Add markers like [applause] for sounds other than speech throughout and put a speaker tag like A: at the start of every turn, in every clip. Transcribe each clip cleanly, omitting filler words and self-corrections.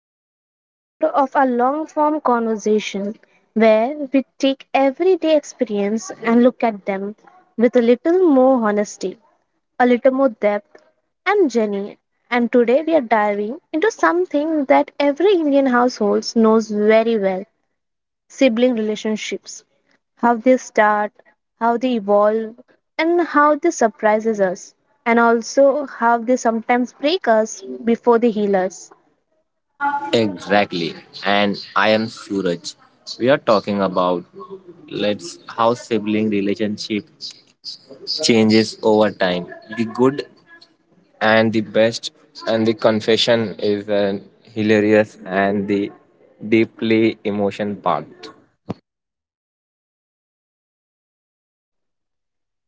A: to another episode of our long form conversation where we take everyday experience and look at them with a little more honesty, a little more depth. I'm Jenny, and today we are diving into something that every Indian household knows very well sibling relationships, how they start, how they evolve, and how they surprises us, and also how they sometimes break us before they heal us.
B: Exactly. And I am Suraj. We are talking about let's how sibling relationship changes over time. The good and the best and the confession is hilarious and the deeply emotion part.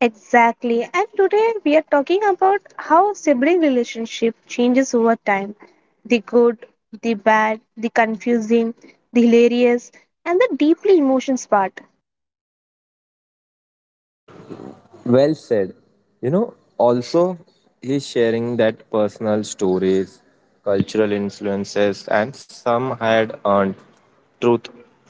A: Exactly. And today we are talking about how sibling relationship changes over time. The good, the bad, the confusing, the hilarious, and the deeply emotions part.
B: Well said. You know, also he's sharing that personal stories, cultural influences, and some had earned truth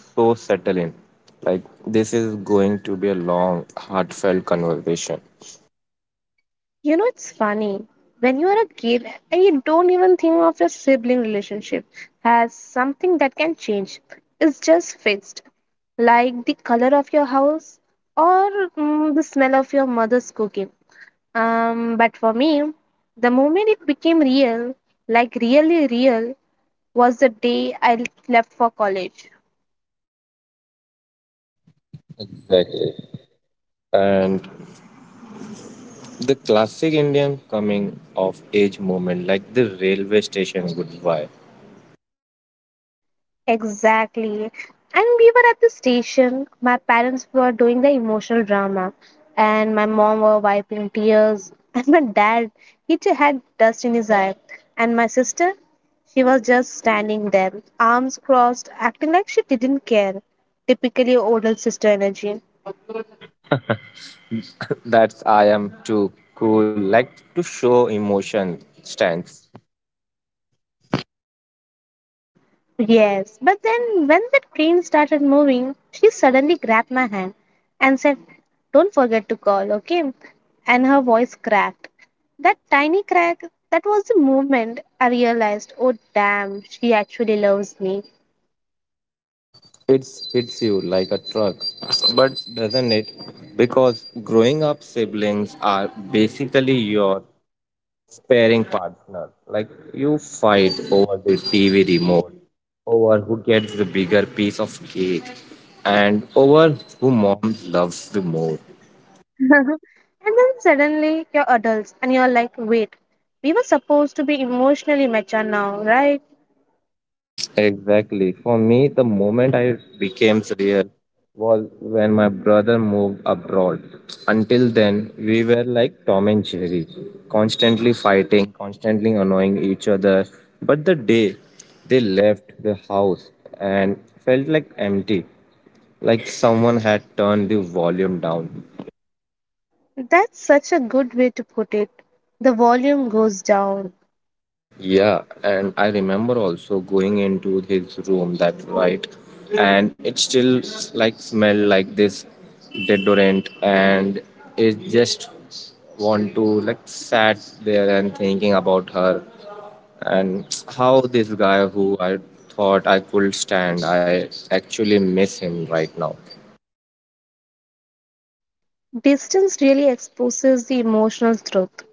B: so settle in. Like this is going to be a long, heartfelt conversation.
A: You know, it's funny. When you are a kid and you don't even think of your sibling relationship as something that can change, it's just fixed. Like the color of your house or the smell of your mother's cooking. But for me, the moment it became real, like really real, was the day I left for college.
B: Exactly. And the classic Indian coming of age moment, like the railway station goodbye.
A: Exactly. And we were at the station. My parents were doing the emotional drama, and my mom were wiping tears, [laughs] and my dad, he too had dust in his eye, and my sister, she was just standing there, arms crossed, acting like she didn't care. Typically older sister energy.
B: That's I am too cool, like to show emotion stance.
A: Yes, but then when the train started moving, she suddenly grabbed my hand and said, Don't forget to call, okay? And her voice cracked. That tiny crack, that was the moment I realized, oh damn, she actually loves me.
B: It hits you like a truck. But doesn't it? Because growing up, siblings are basically your sparing partner. Like you fight over the TV remote, over who gets the bigger piece of cake, and over who mom loves the more.
A: [laughs] And then suddenly you're adults and you're like, wait, we were supposed to be emotionally mature now, right?
B: Exactly. For me, the moment I became real was when my brother moved abroad. Until then, we were like Tom and Jerry, constantly fighting, constantly annoying each other. But the day they left the house and felt like empty, like someone had turned the volume down.
A: That's such a good way to put it. The volume goes down.
B: Yeah, and I remember also going into his room that night, and it still like smell like this deodorant, and it just want to like sat there and thinking about her and how this guy who I thought I could stand, I actually miss him right now.
A: Distance really exposes the emotional truth.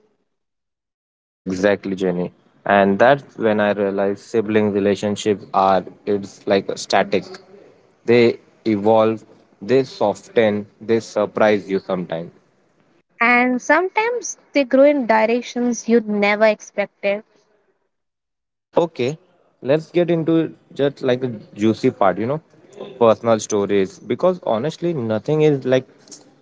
B: Exactly, Jenny. And that's when I realized sibling relationships are it's like a static. They evolve, they soften, they surprise you sometimes.
A: And sometimes they grow in directions you'd never expected.
B: Okay, let's get into just like a juicy part, you know, personal stories. Because honestly, nothing is like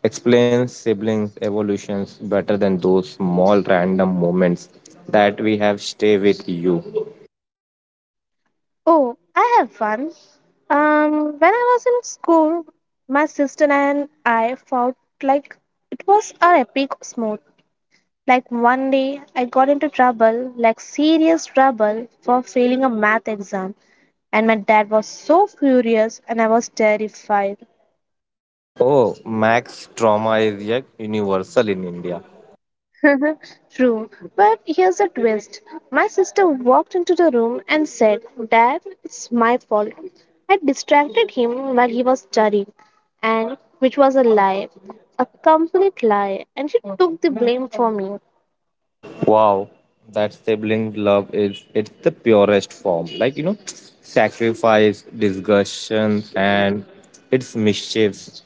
B: explains siblings' evolutions better than those small random moments that we have stay with you.
A: Oh, I have one. When I was in school, my sister and I fought like it was our epic smooth. Like one day, I got into trouble, like serious trouble, for failing a math exam, and my dad was so furious, and I was terrified.
B: Oh, Max trauma is yet universal in India.
A: [laughs] True, but here's a twist. My sister walked into the room and said, Dad, it's my fault. I distracted him while he was studying, and which was a lie, a complete lie, and she took the blame for me.
B: Wow, that sibling love is it's the purest form. Like you know, sacrifice, discussion, and it's mischiefs.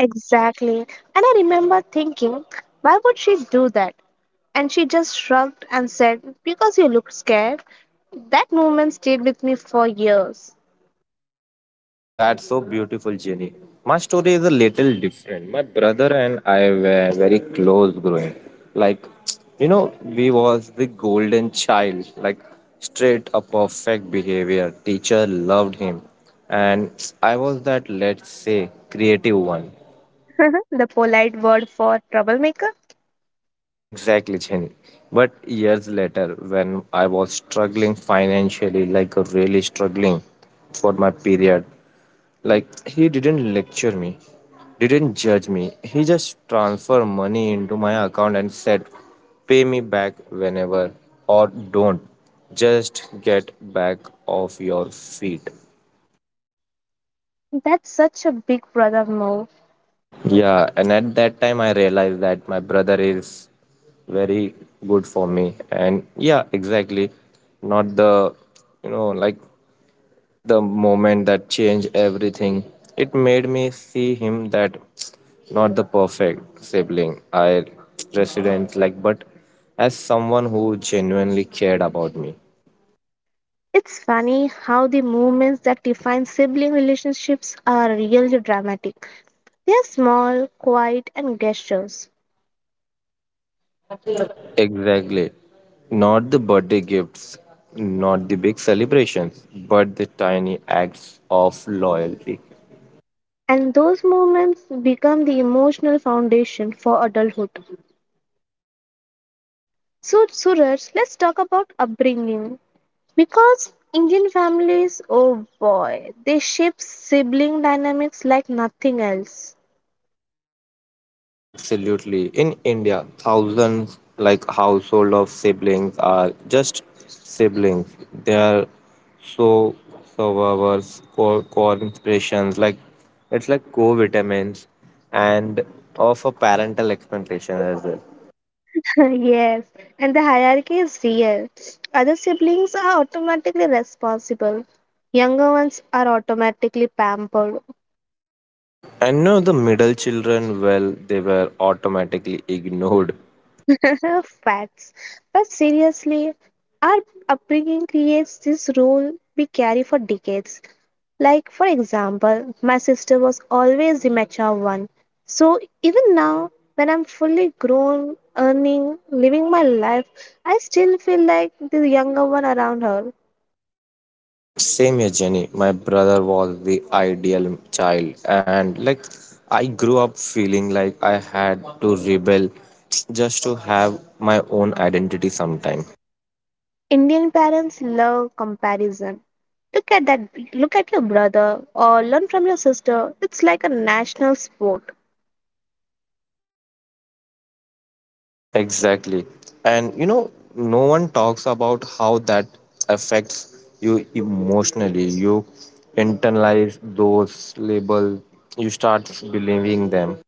A: Exactly. And I remember thinking, why would she do that? And she just shrugged and said, Because you looked scared. That moment stayed with me for years.
B: That's so beautiful, Jenny. My story is a little different. My brother and I were very close growing. Like, you know, we was the golden child. Like, straight a perfect behavior. Teacher loved him, and I was that let's say creative one.
A: [laughs] The polite word for troublemaker?
B: Exactly, Chin. But years later, when I was struggling financially, like really struggling for my period, like he didn't lecture me, didn't judge me. He just transferred money into my account and said, pay me back whenever or don't. Just get back off your feet.
A: That's such a big brother move.
B: Yeah, and at that time I realized that my brother is very good for me. And yeah, exactly. Not the, you know, like the moment that changed everything. It made me see him that not the perfect sibling I resident like, but as someone who genuinely cared about me.
A: It's funny how the moments that define sibling relationships are really dramatic. They are small, quiet, and gestures.
B: Exactly. Not the birthday gifts, not the big celebrations, but the tiny acts of loyalty.
A: And those moments become the emotional foundation for adulthood. So, Suraj, let's talk about upbringing. Because Indian families, oh boy, they shape sibling dynamics like nothing else.
B: Absolutely. In India, thousands like household of siblings are just siblings. They are so survivors, corporations, like it's like co-vitamins and of a parental expectation as well.
A: [laughs] Yes, and the hierarchy is real. Other siblings are automatically responsible. Younger ones are automatically pampered.
B: And know the middle children, well, they were automatically [laughs] ignored.
A: [laughs] Facts. But seriously, our upbringing creates this role we carry for decades. Like, for example, my sister was always the mature one. So, even now, when I'm fully grown, earning, living my life, I still feel like the younger one around her.
B: Same here, Jenny. My brother was the ideal child, and like I grew up feeling like I had to rebel just to have my own identity sometime.
A: Indian parents love comparison. Look at that, look at your brother or learn from your sister. It's like a national sport.
B: Exactly. And you know, no one talks about how that affects you emotionally. You internalize those labels, you start believing them.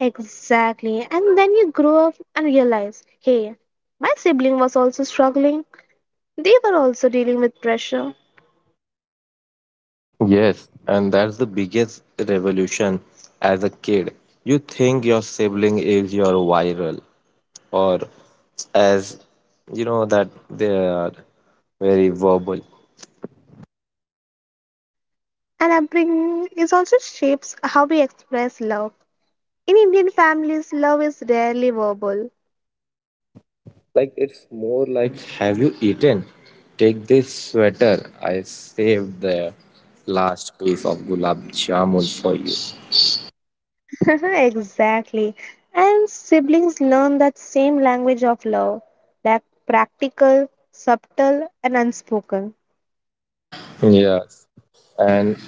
A: Exactly. And then you grow up and realize, hey, my sibling was also struggling. They were also dealing with pressure.
B: Yes, and that's the biggest revolution as a kid. You think your sibling is your viral, or as you know, that they are very verbal.
A: And upbringing is also shapes how we express love. In Indian families, love is rarely verbal.
B: Like, it's more like, have you eaten? Take this sweater. I saved the last piece of gulab jamun for you.
A: [laughs] Exactly. And siblings learn that same language of love, that practical, subtle, and unspoken.
B: Yes. And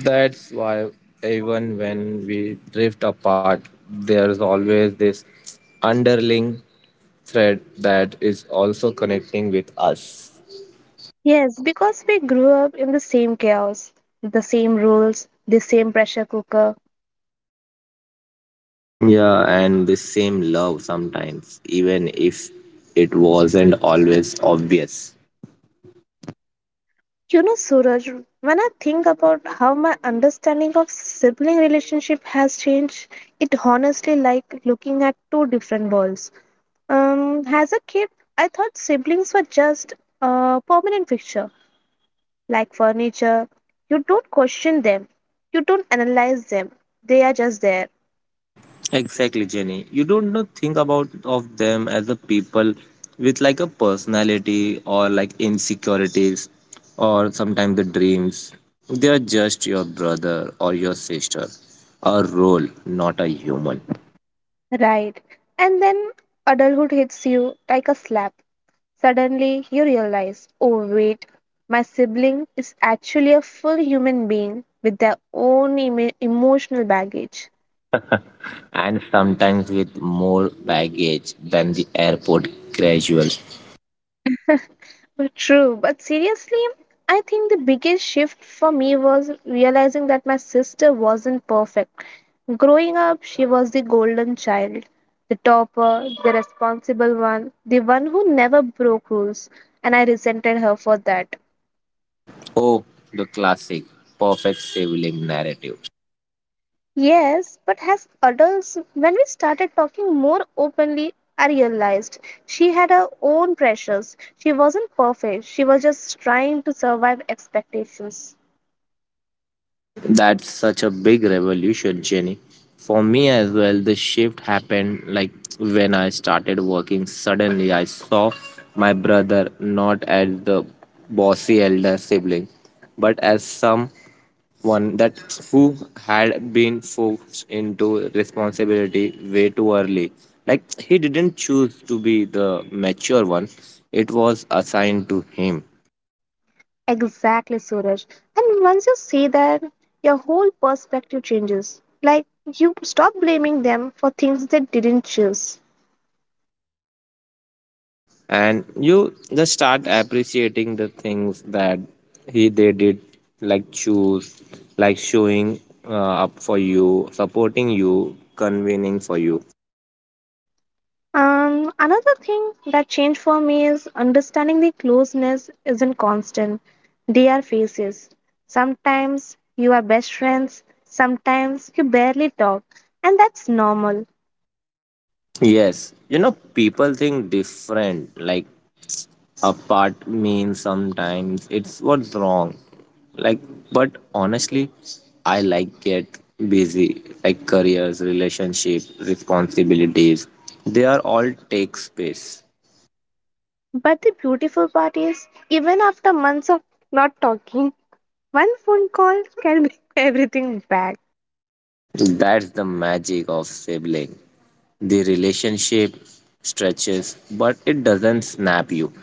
B: that's why even when we drift apart, there's always this underling thread that is also connecting with us.
A: Yes, because we grew up in the same chaos, the same rules, the same pressure cooker.
B: Yeah, and the same love sometimes, even if it wasn't always obvious.
A: You know, Suraj, when I think about how my understanding of sibling relationship has changed, it honestly like looking at two different worlds. As a kid, I thought siblings were just a permanent fixture like furniture. You don't question them, you don't analyze them, they are just there.
B: Exactly, Jenny. You don't know think about of them as a people with like a personality or like insecurities or sometimes the dreams. They are just your brother or your sister, a role, not a human.
A: Right. And then adulthood hits you like a slap. Suddenly you realize, oh wait, my sibling is actually a full human being with their own emotional baggage.
B: And sometimes with more baggage than the airport casual.
A: But True, but seriously, I think the biggest shift for me was realizing that my sister wasn't perfect. Growing up, she was the golden child, the topper, the responsible one, the one who never broke rules, and I resented her for that.
B: Oh, the classic perfect sibling narrative.
A: Yes, but as adults, when we started talking more openly, I realized she had her own pressures. She wasn't perfect, she was just trying to survive expectations.
B: That's such a big revolution, Jenny. For me as well, the shift happened like when I started working. Suddenly, I saw my brother not as the bossy elder sibling, but as someone that who had been forced into responsibility way too early. Like he didn't choose to be the mature one; it was assigned to him.
A: Exactly, Suraj. And once you see that, your whole perspective changes. Like you stop blaming them for things they didn't choose.
B: And you just start appreciating the things that he they did like choose, like showing uh, up for you, supporting you, convening for you.
A: Another thing that changed for me is understanding the closeness isn't constant. They are phases. Sometimes you are best friends, sometimes you barely talk, and that's normal.
B: Yes, you know people think different, like apart means sometimes it's what's wrong, like but honestly I like get busy like careers relationship responsibilities, they are all take space.
A: But the beautiful part is, even after months of not talking, one phone call can bring [laughs] everything back.
B: That's the magic of sibling. The relationship stretches, but it doesn't snap you.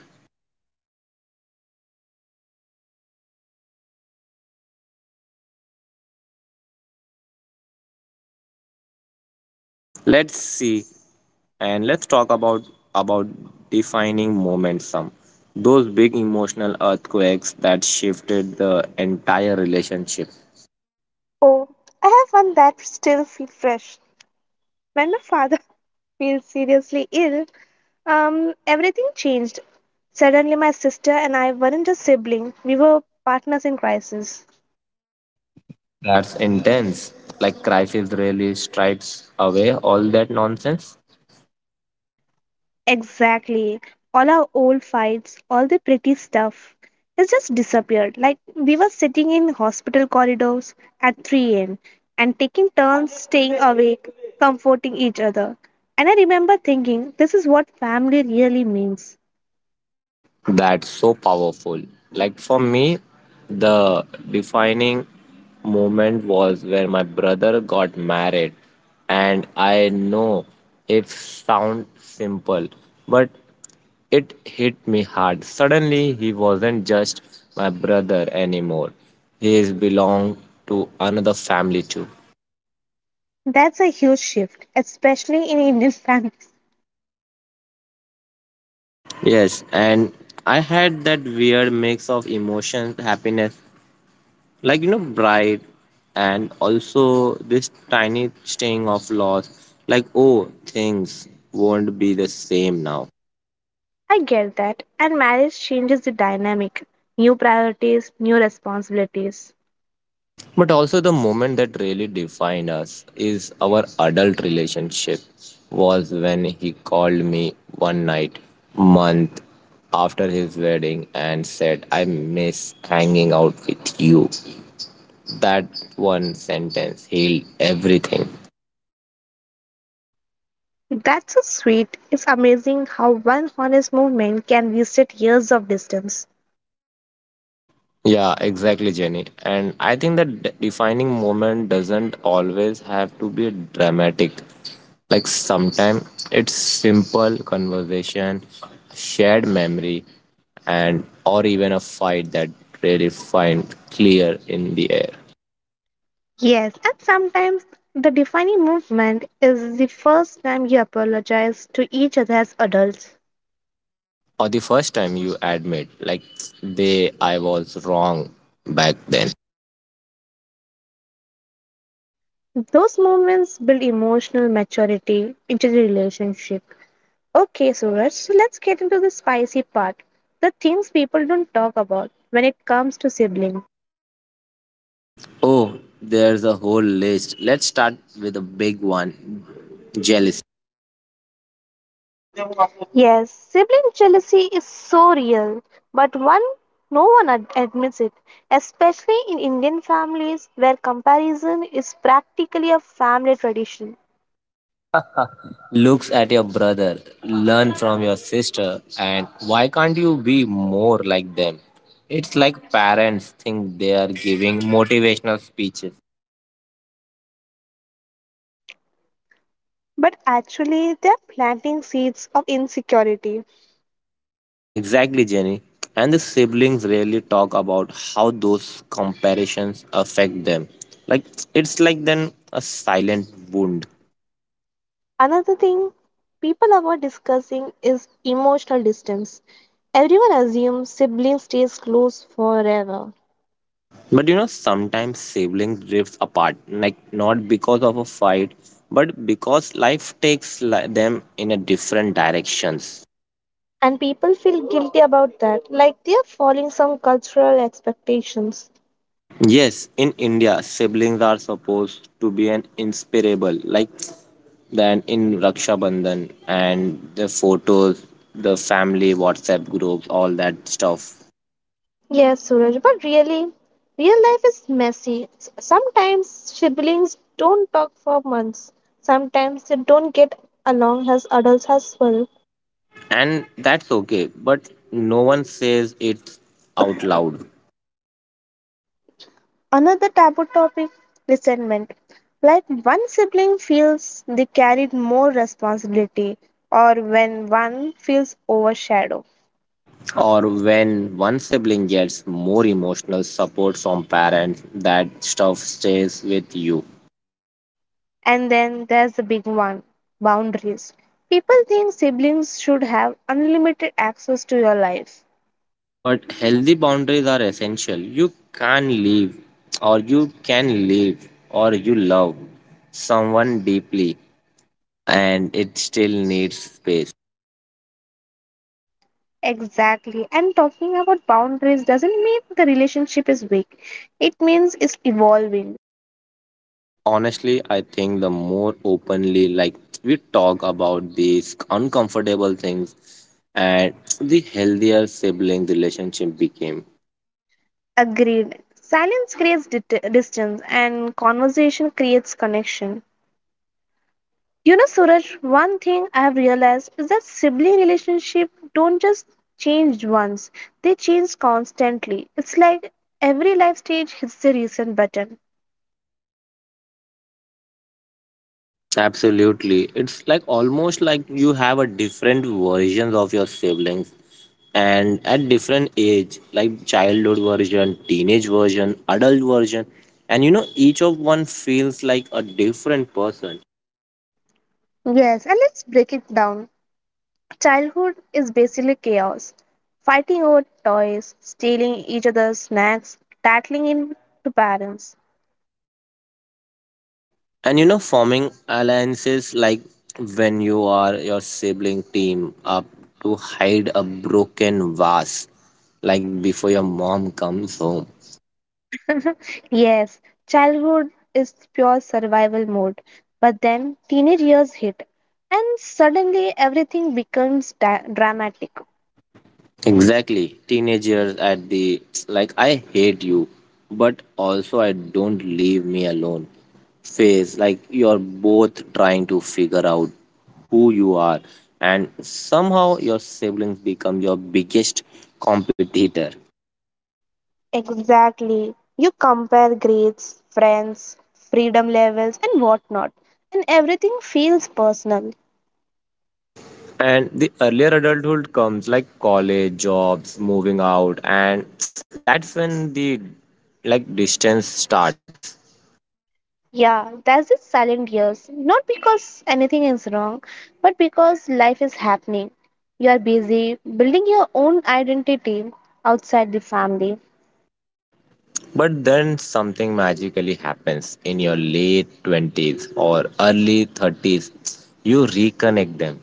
B: Let's see and let's talk about defining moments some. Those big emotional earthquakes that shifted the entire relationship.
A: Oh, I have one that still feel fresh. When my father [laughs] feels seriously ill, everything changed. Suddenly, my sister and I weren't just siblings; we were partners in crisis.
B: That's intense. Like crisis really stripes away all that nonsense.
A: Exactly. All our old fights, all the pretty stuff, it just disappeared. Like we were sitting in hospital corridors at 3 a.m. and taking turns staying awake, comforting each other. And I remember thinking, this is what family really means.
B: That's so powerful. Like for me, the defining moment was where my brother got married. And I know it sounds simple, but it hit me hard. Suddenly, he wasn't just my brother anymore. He is belonged to another family too.
A: That's a huge shift, especially in Indian [laughs] families.
B: Yes, and I had that weird mix of emotions, happiness, like you know bright, and also this tiny sting of loss, like oh things won't be the same now.
A: I get that, and marriage changes the dynamic. New priorities, new responsibilities.
B: But also the moment that really defined us is our adult relationship was when he called me one night month after his wedding and said I miss hanging out with you, that one sentence healed everything.
A: That's so sweet. It's amazing how one honest movement can reset years of distance.
B: Yeah, exactly, Jenny. And I think that defining moment doesn't always have to be dramatic. Like sometimes it's simple conversation, shared memory, and or even a fight that really find clear in the air.
A: Yes, and sometimes the defining movement is the first time you apologize to each other as adults.
B: Or the first time you admit, like, they, I was wrong back then.
A: Those moments build emotional maturity into the relationship. Okay, Suraj, so let's get into the spicy part the things people don't talk about when it comes to siblings.
B: Oh, there's a whole list. Let's start with a big one, jealousy.
A: Yes, sibling jealousy is so real, but one no one admits it, especially in Indian families where comparison is practically a family tradition.
B: Looks at your brother, learn from your sister, and why can't you be more like them? It's like parents think they are giving motivational speeches.
A: But actually, they're planting seeds of insecurity.
B: Exactly, Jenny. And the siblings rarely talk about how those comparisons affect them. Like it's like then a silent wound.
A: Another thing people avoid discussing is emotional distance. Everyone assumes siblings stays close forever,
B: But you know, sometimes siblings drift apart, like not because of a fight, but because life takes them in a different directions.
A: and people feel guilty about that, like they are following some cultural expectations.
B: Yes, in India, siblings are supposed to be an inseparable, like than in Raksha Bandhan and the photos, the family WhatsApp groups, all that stuff.
A: Yes, Suraj, but really, real life is messy. Sometimes siblings don't talk for months. Sometimes they don't get along as adults as well.
B: And that's okay, but no one says it out loud.
A: Another taboo topic resentment. Like one sibling feels they carried more responsibility, or when one feels overshadowed.
B: Or when one sibling gets more emotional support from parents, that stuff stays with you.
A: And then there's the big one boundaries. People think siblings should have unlimited access to your life.
B: But healthy boundaries are essential. You can leave, or you can leave, or you love someone deeply and it still needs space.
A: Exactly. And talking about boundaries doesn't mean the relationship is weak, it means it's evolving.
B: Honestly, I think the more openly like we talk about these uncomfortable things and the healthier sibling relationship became.
A: Agreed. Silence creates distance, and conversation creates connection. You know, Suraj, one thing I have realized is that sibling relationship don't just change once, they change constantly. It's like every life stage hits the reset button.
B: Absolutely. It's like almost like you have a different versions of your siblings and at different age, like childhood version, teenage version, adult version. And you know, each of one feels like a different person.
A: Yes, and let's break it down. Childhood is basically chaos. Fighting over toys, stealing each other's snacks, tattling into parents.
B: And you know, forming alliances like when you are your sibling team up to hide a broken vase, like before your mom comes home.
A: Yes, childhood is pure survival mode, but then teenage years hit, and suddenly everything becomes dramatic.
B: Exactly. Teenagers at the like I hate you, but also I don't leave me alone phase. Like you're both trying to figure out who you are and somehow your siblings become your biggest competitor.
A: Exactly. You compare grades, friends, freedom levels, and whatnot, and everything feels personal.
B: And the earlier adulthood comes like college, jobs, moving out and that's when the like distance starts.
A: Yeah, that's the silent years. Not because anything is wrong, but because life is happening. You are busy building your own identity outside the family.
B: But then something magically happens in your late 20s or early 30s. You reconnect them.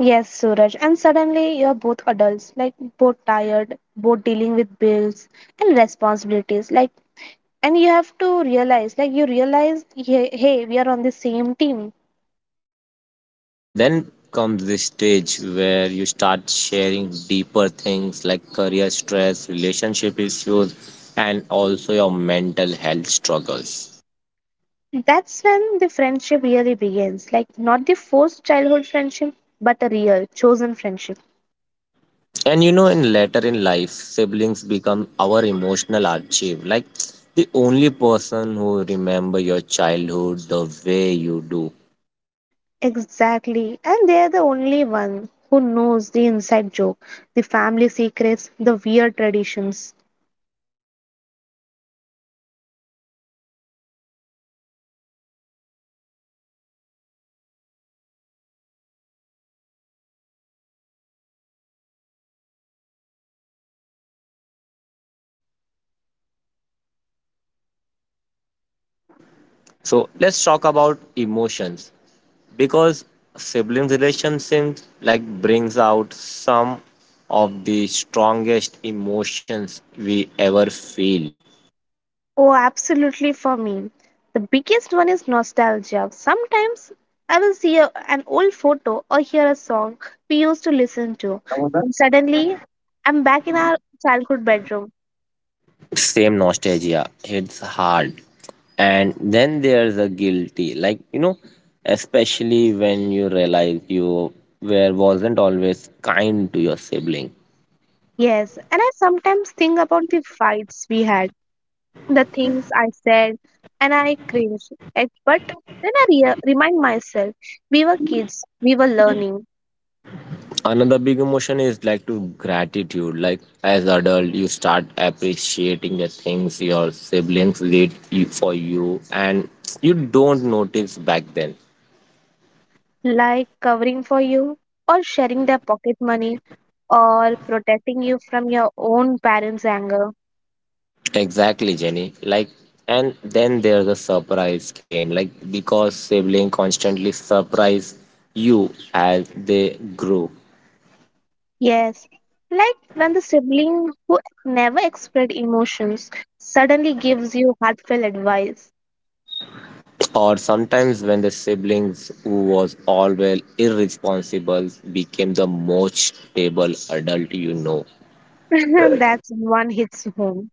A: Yes, Suraj. And suddenly you're both adults, like both tired, both dealing with bills and responsibilities. Like, and you have to realize, like, you realize, hey, we are on the same team.
B: And then comes this stage where you start sharing deeper things like career stress, relationship issues, and also your mental health struggles.
A: That's when the friendship really begins. Like, not the forced childhood friendship, but a real, chosen friendship.
B: And you know, in later in life, siblings become our emotional archive. Like the only person who remember your childhood the way you do.
A: Exactly. And they're the only one who knows the inside joke, the family secrets, the weird traditions.
B: You know, it's like the relationships keeps evolving, but the foundation. You know, you know that relationships like keeps evolving, like but the foundation stays the same. So let's talk about emotions because siblings relationships like brings out some of the strongest emotions we ever feel.
A: Oh, absolutely for me. The biggest one is nostalgia. Sometimes I will see an old photo or hear a song we used to listen to, and suddenly I'm back in our childhood bedroom.
B: Same nostalgia, it's hard, and then there's a guilty, like you know especially when you realize you were wasn't always kind to your sibling.
A: Yes, and I sometimes think about the fights we had, the things I said, and I cringe. At, but then I remind myself we were kids, we were learning,
B: Another big emotion is like to gratitude, like as adult you start appreciating the things your siblings did for you and you don't notice back then.
A: like covering for you or sharing their pocket money or protecting you from your own parents' anger.
B: Exactly, Jenny. Like, and then there's a surprise game. Like, because sibling constantly surprise you as they grew,
A: Yes, like when the sibling who never expressed emotions suddenly gives you heartfelt advice.
B: or sometimes when the siblings who was always irresponsible became the most stable adult you know.
A: [laughs] That's one hits home.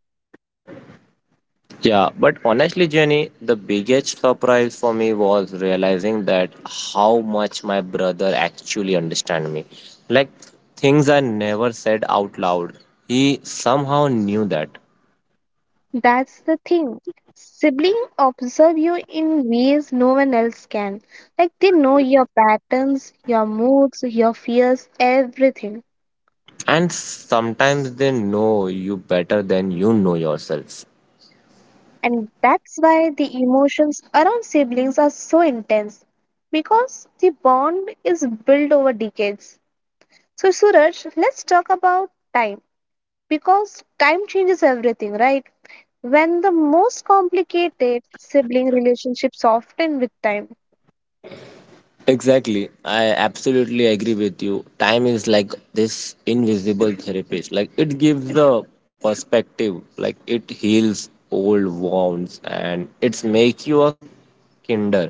B: Yeah, but honestly, Jenny, the biggest surprise for me was realizing that how much my brother actually understand me. Like things I never said out loud. He somehow knew that.
A: That's the thing. Siblings observe you in ways no one else can. Like they know your patterns, your moods, your fears, everything.
B: And sometimes they know you better than you know yourself.
A: And that's why the emotions around siblings are so intense because the bond is built over decades. So, Suraj, let's talk about time because time changes everything, right? When the most complicated sibling relationships soften with time.
B: Exactly. I absolutely agree with you. Time is like this invisible therapist. Like it gives a perspective. Like it heals old wounds and it's make you a kinder.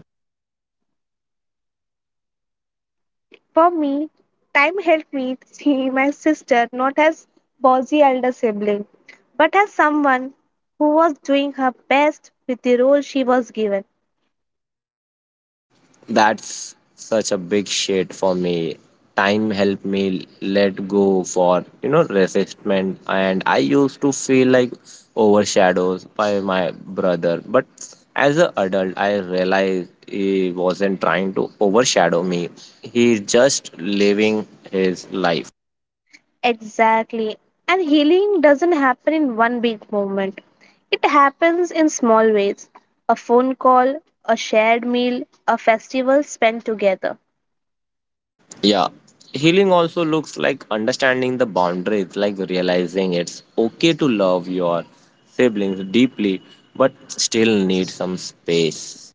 A: For me, time helped me see my sister not as bossy elder sibling, but as someone who was doing her best with the role she was given.
B: That's such a big shit for me. Time helped me let go for you know resistment, and I used to feel like overshadowed by my brother. But as an adult, I realized he wasn't trying to overshadow me. He's just living his life.
A: Exactly. And healing doesn't happen in one big moment. It happens in small ways. A phone call, a shared meal, a festival spent together.
B: Yeah. Healing also looks like understanding the boundaries, like realizing it's okay to love your siblings deeply, but still need some space.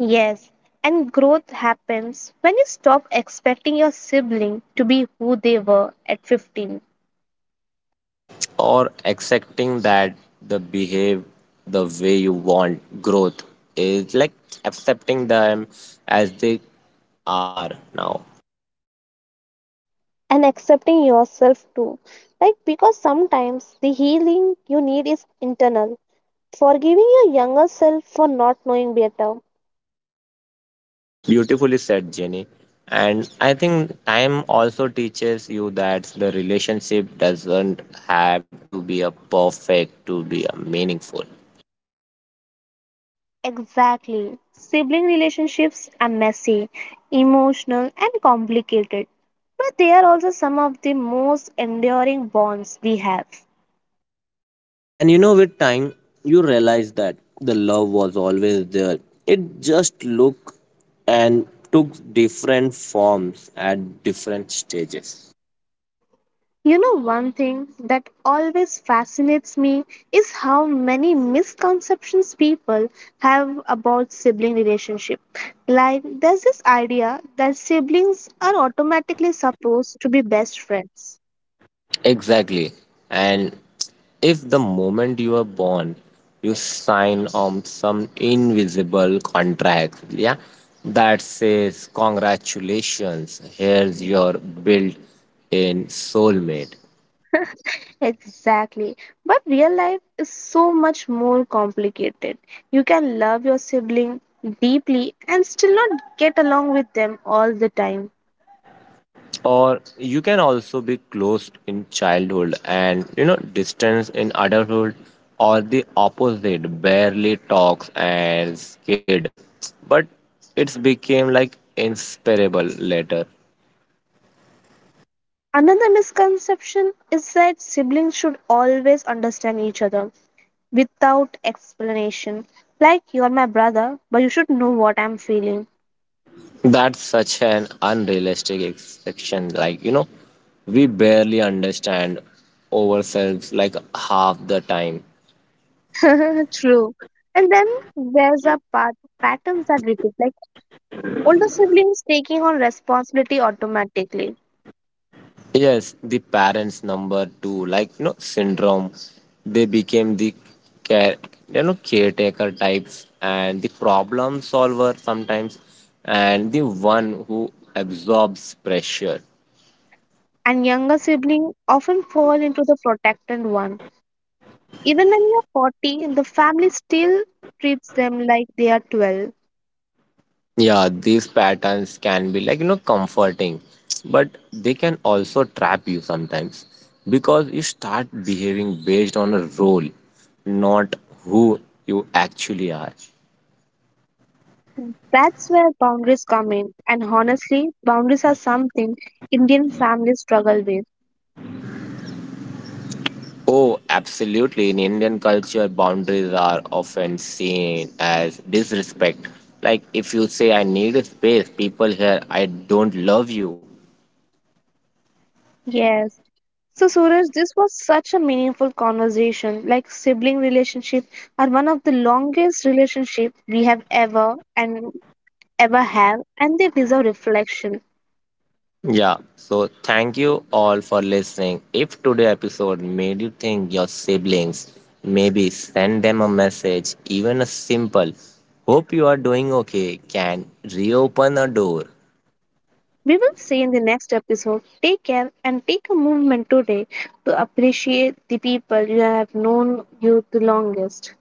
A: Yes, and growth happens when you stop expecting your sibling to be who they were at 15
B: Or accepting that the behave the way you want growth is like accepting them as they are now.
A: and accepting yourself too. Like, because sometimes the healing you need is internal. Forgiving your younger self for not knowing better,
B: Beautifully said, Jenny. And I think time also teaches you that the relationship doesn't have to be a perfect to be a meaningful.
A: exactly. Sibling relationships are messy, emotional, and complicated, but they are also some of the most enduring bonds we have.
B: And you know, with time, you realize that the love was always there. It just looked and took different forms at different stages.
A: You know, one thing that always fascinates me is how many misconceptions people have about sibling relationship. Like, there's this idea that siblings are automatically supposed to be best friends
B: Exactly. And if the moment you are born, you sign on some invisible contract, yeah, that says, Congratulations, here's your built in soulmate.
A: exactly. But real life is so much more complicated. You can love your sibling deeply and still not get along with them all the time.
B: Or you can also be close in childhood and, you know, distance in adulthood, or the opposite, barely talks as kid. But it's became like inseparable later.
A: Another misconception is that siblings should always understand each other without explanation. Like, you're my brother, but you should know what I'm feeling.
B: That's such an unrealistic expectation. Like, you know, we barely understand ourselves like half the time.
A: [laughs] True. And then there's a part patterns that repeat, like older siblings taking on responsibility automatically
B: Yes, the parents number two, like you know, syndrome. They became the care, you know, caretaker types and the problem solver sometimes, and the one who absorbs pressure.
A: and younger siblings often fall into the protected one. Even when you're 40, the family still treats them like they are 12.
B: Yeah, these patterns can be like, you know, comforting, but they can also trap you sometimes because you start behaving based on a role, not who you actually are.
A: That's where boundaries come in. And honestly, boundaries are something Indian families struggle with.
B: Oh, absolutely. In Indian culture, boundaries are often seen as disrespect. Like if you say, I need a space, people here, I don't love you.
A: Yes. So, Suraj, this was such a meaningful conversation. Like sibling relationship are one of the longest relationship we have ever and ever have, and they deserve reflection.
B: Yeah, so thank you all for listening. If today episode made you think your siblings, maybe send them a message, even a simple "Hope you are doing okay" can reopen a door.
A: We will see in the next episode. Take care and take a moment today to appreciate the people you have known you the longest.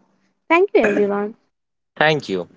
A: Thank you, everyone.
B: Thank you.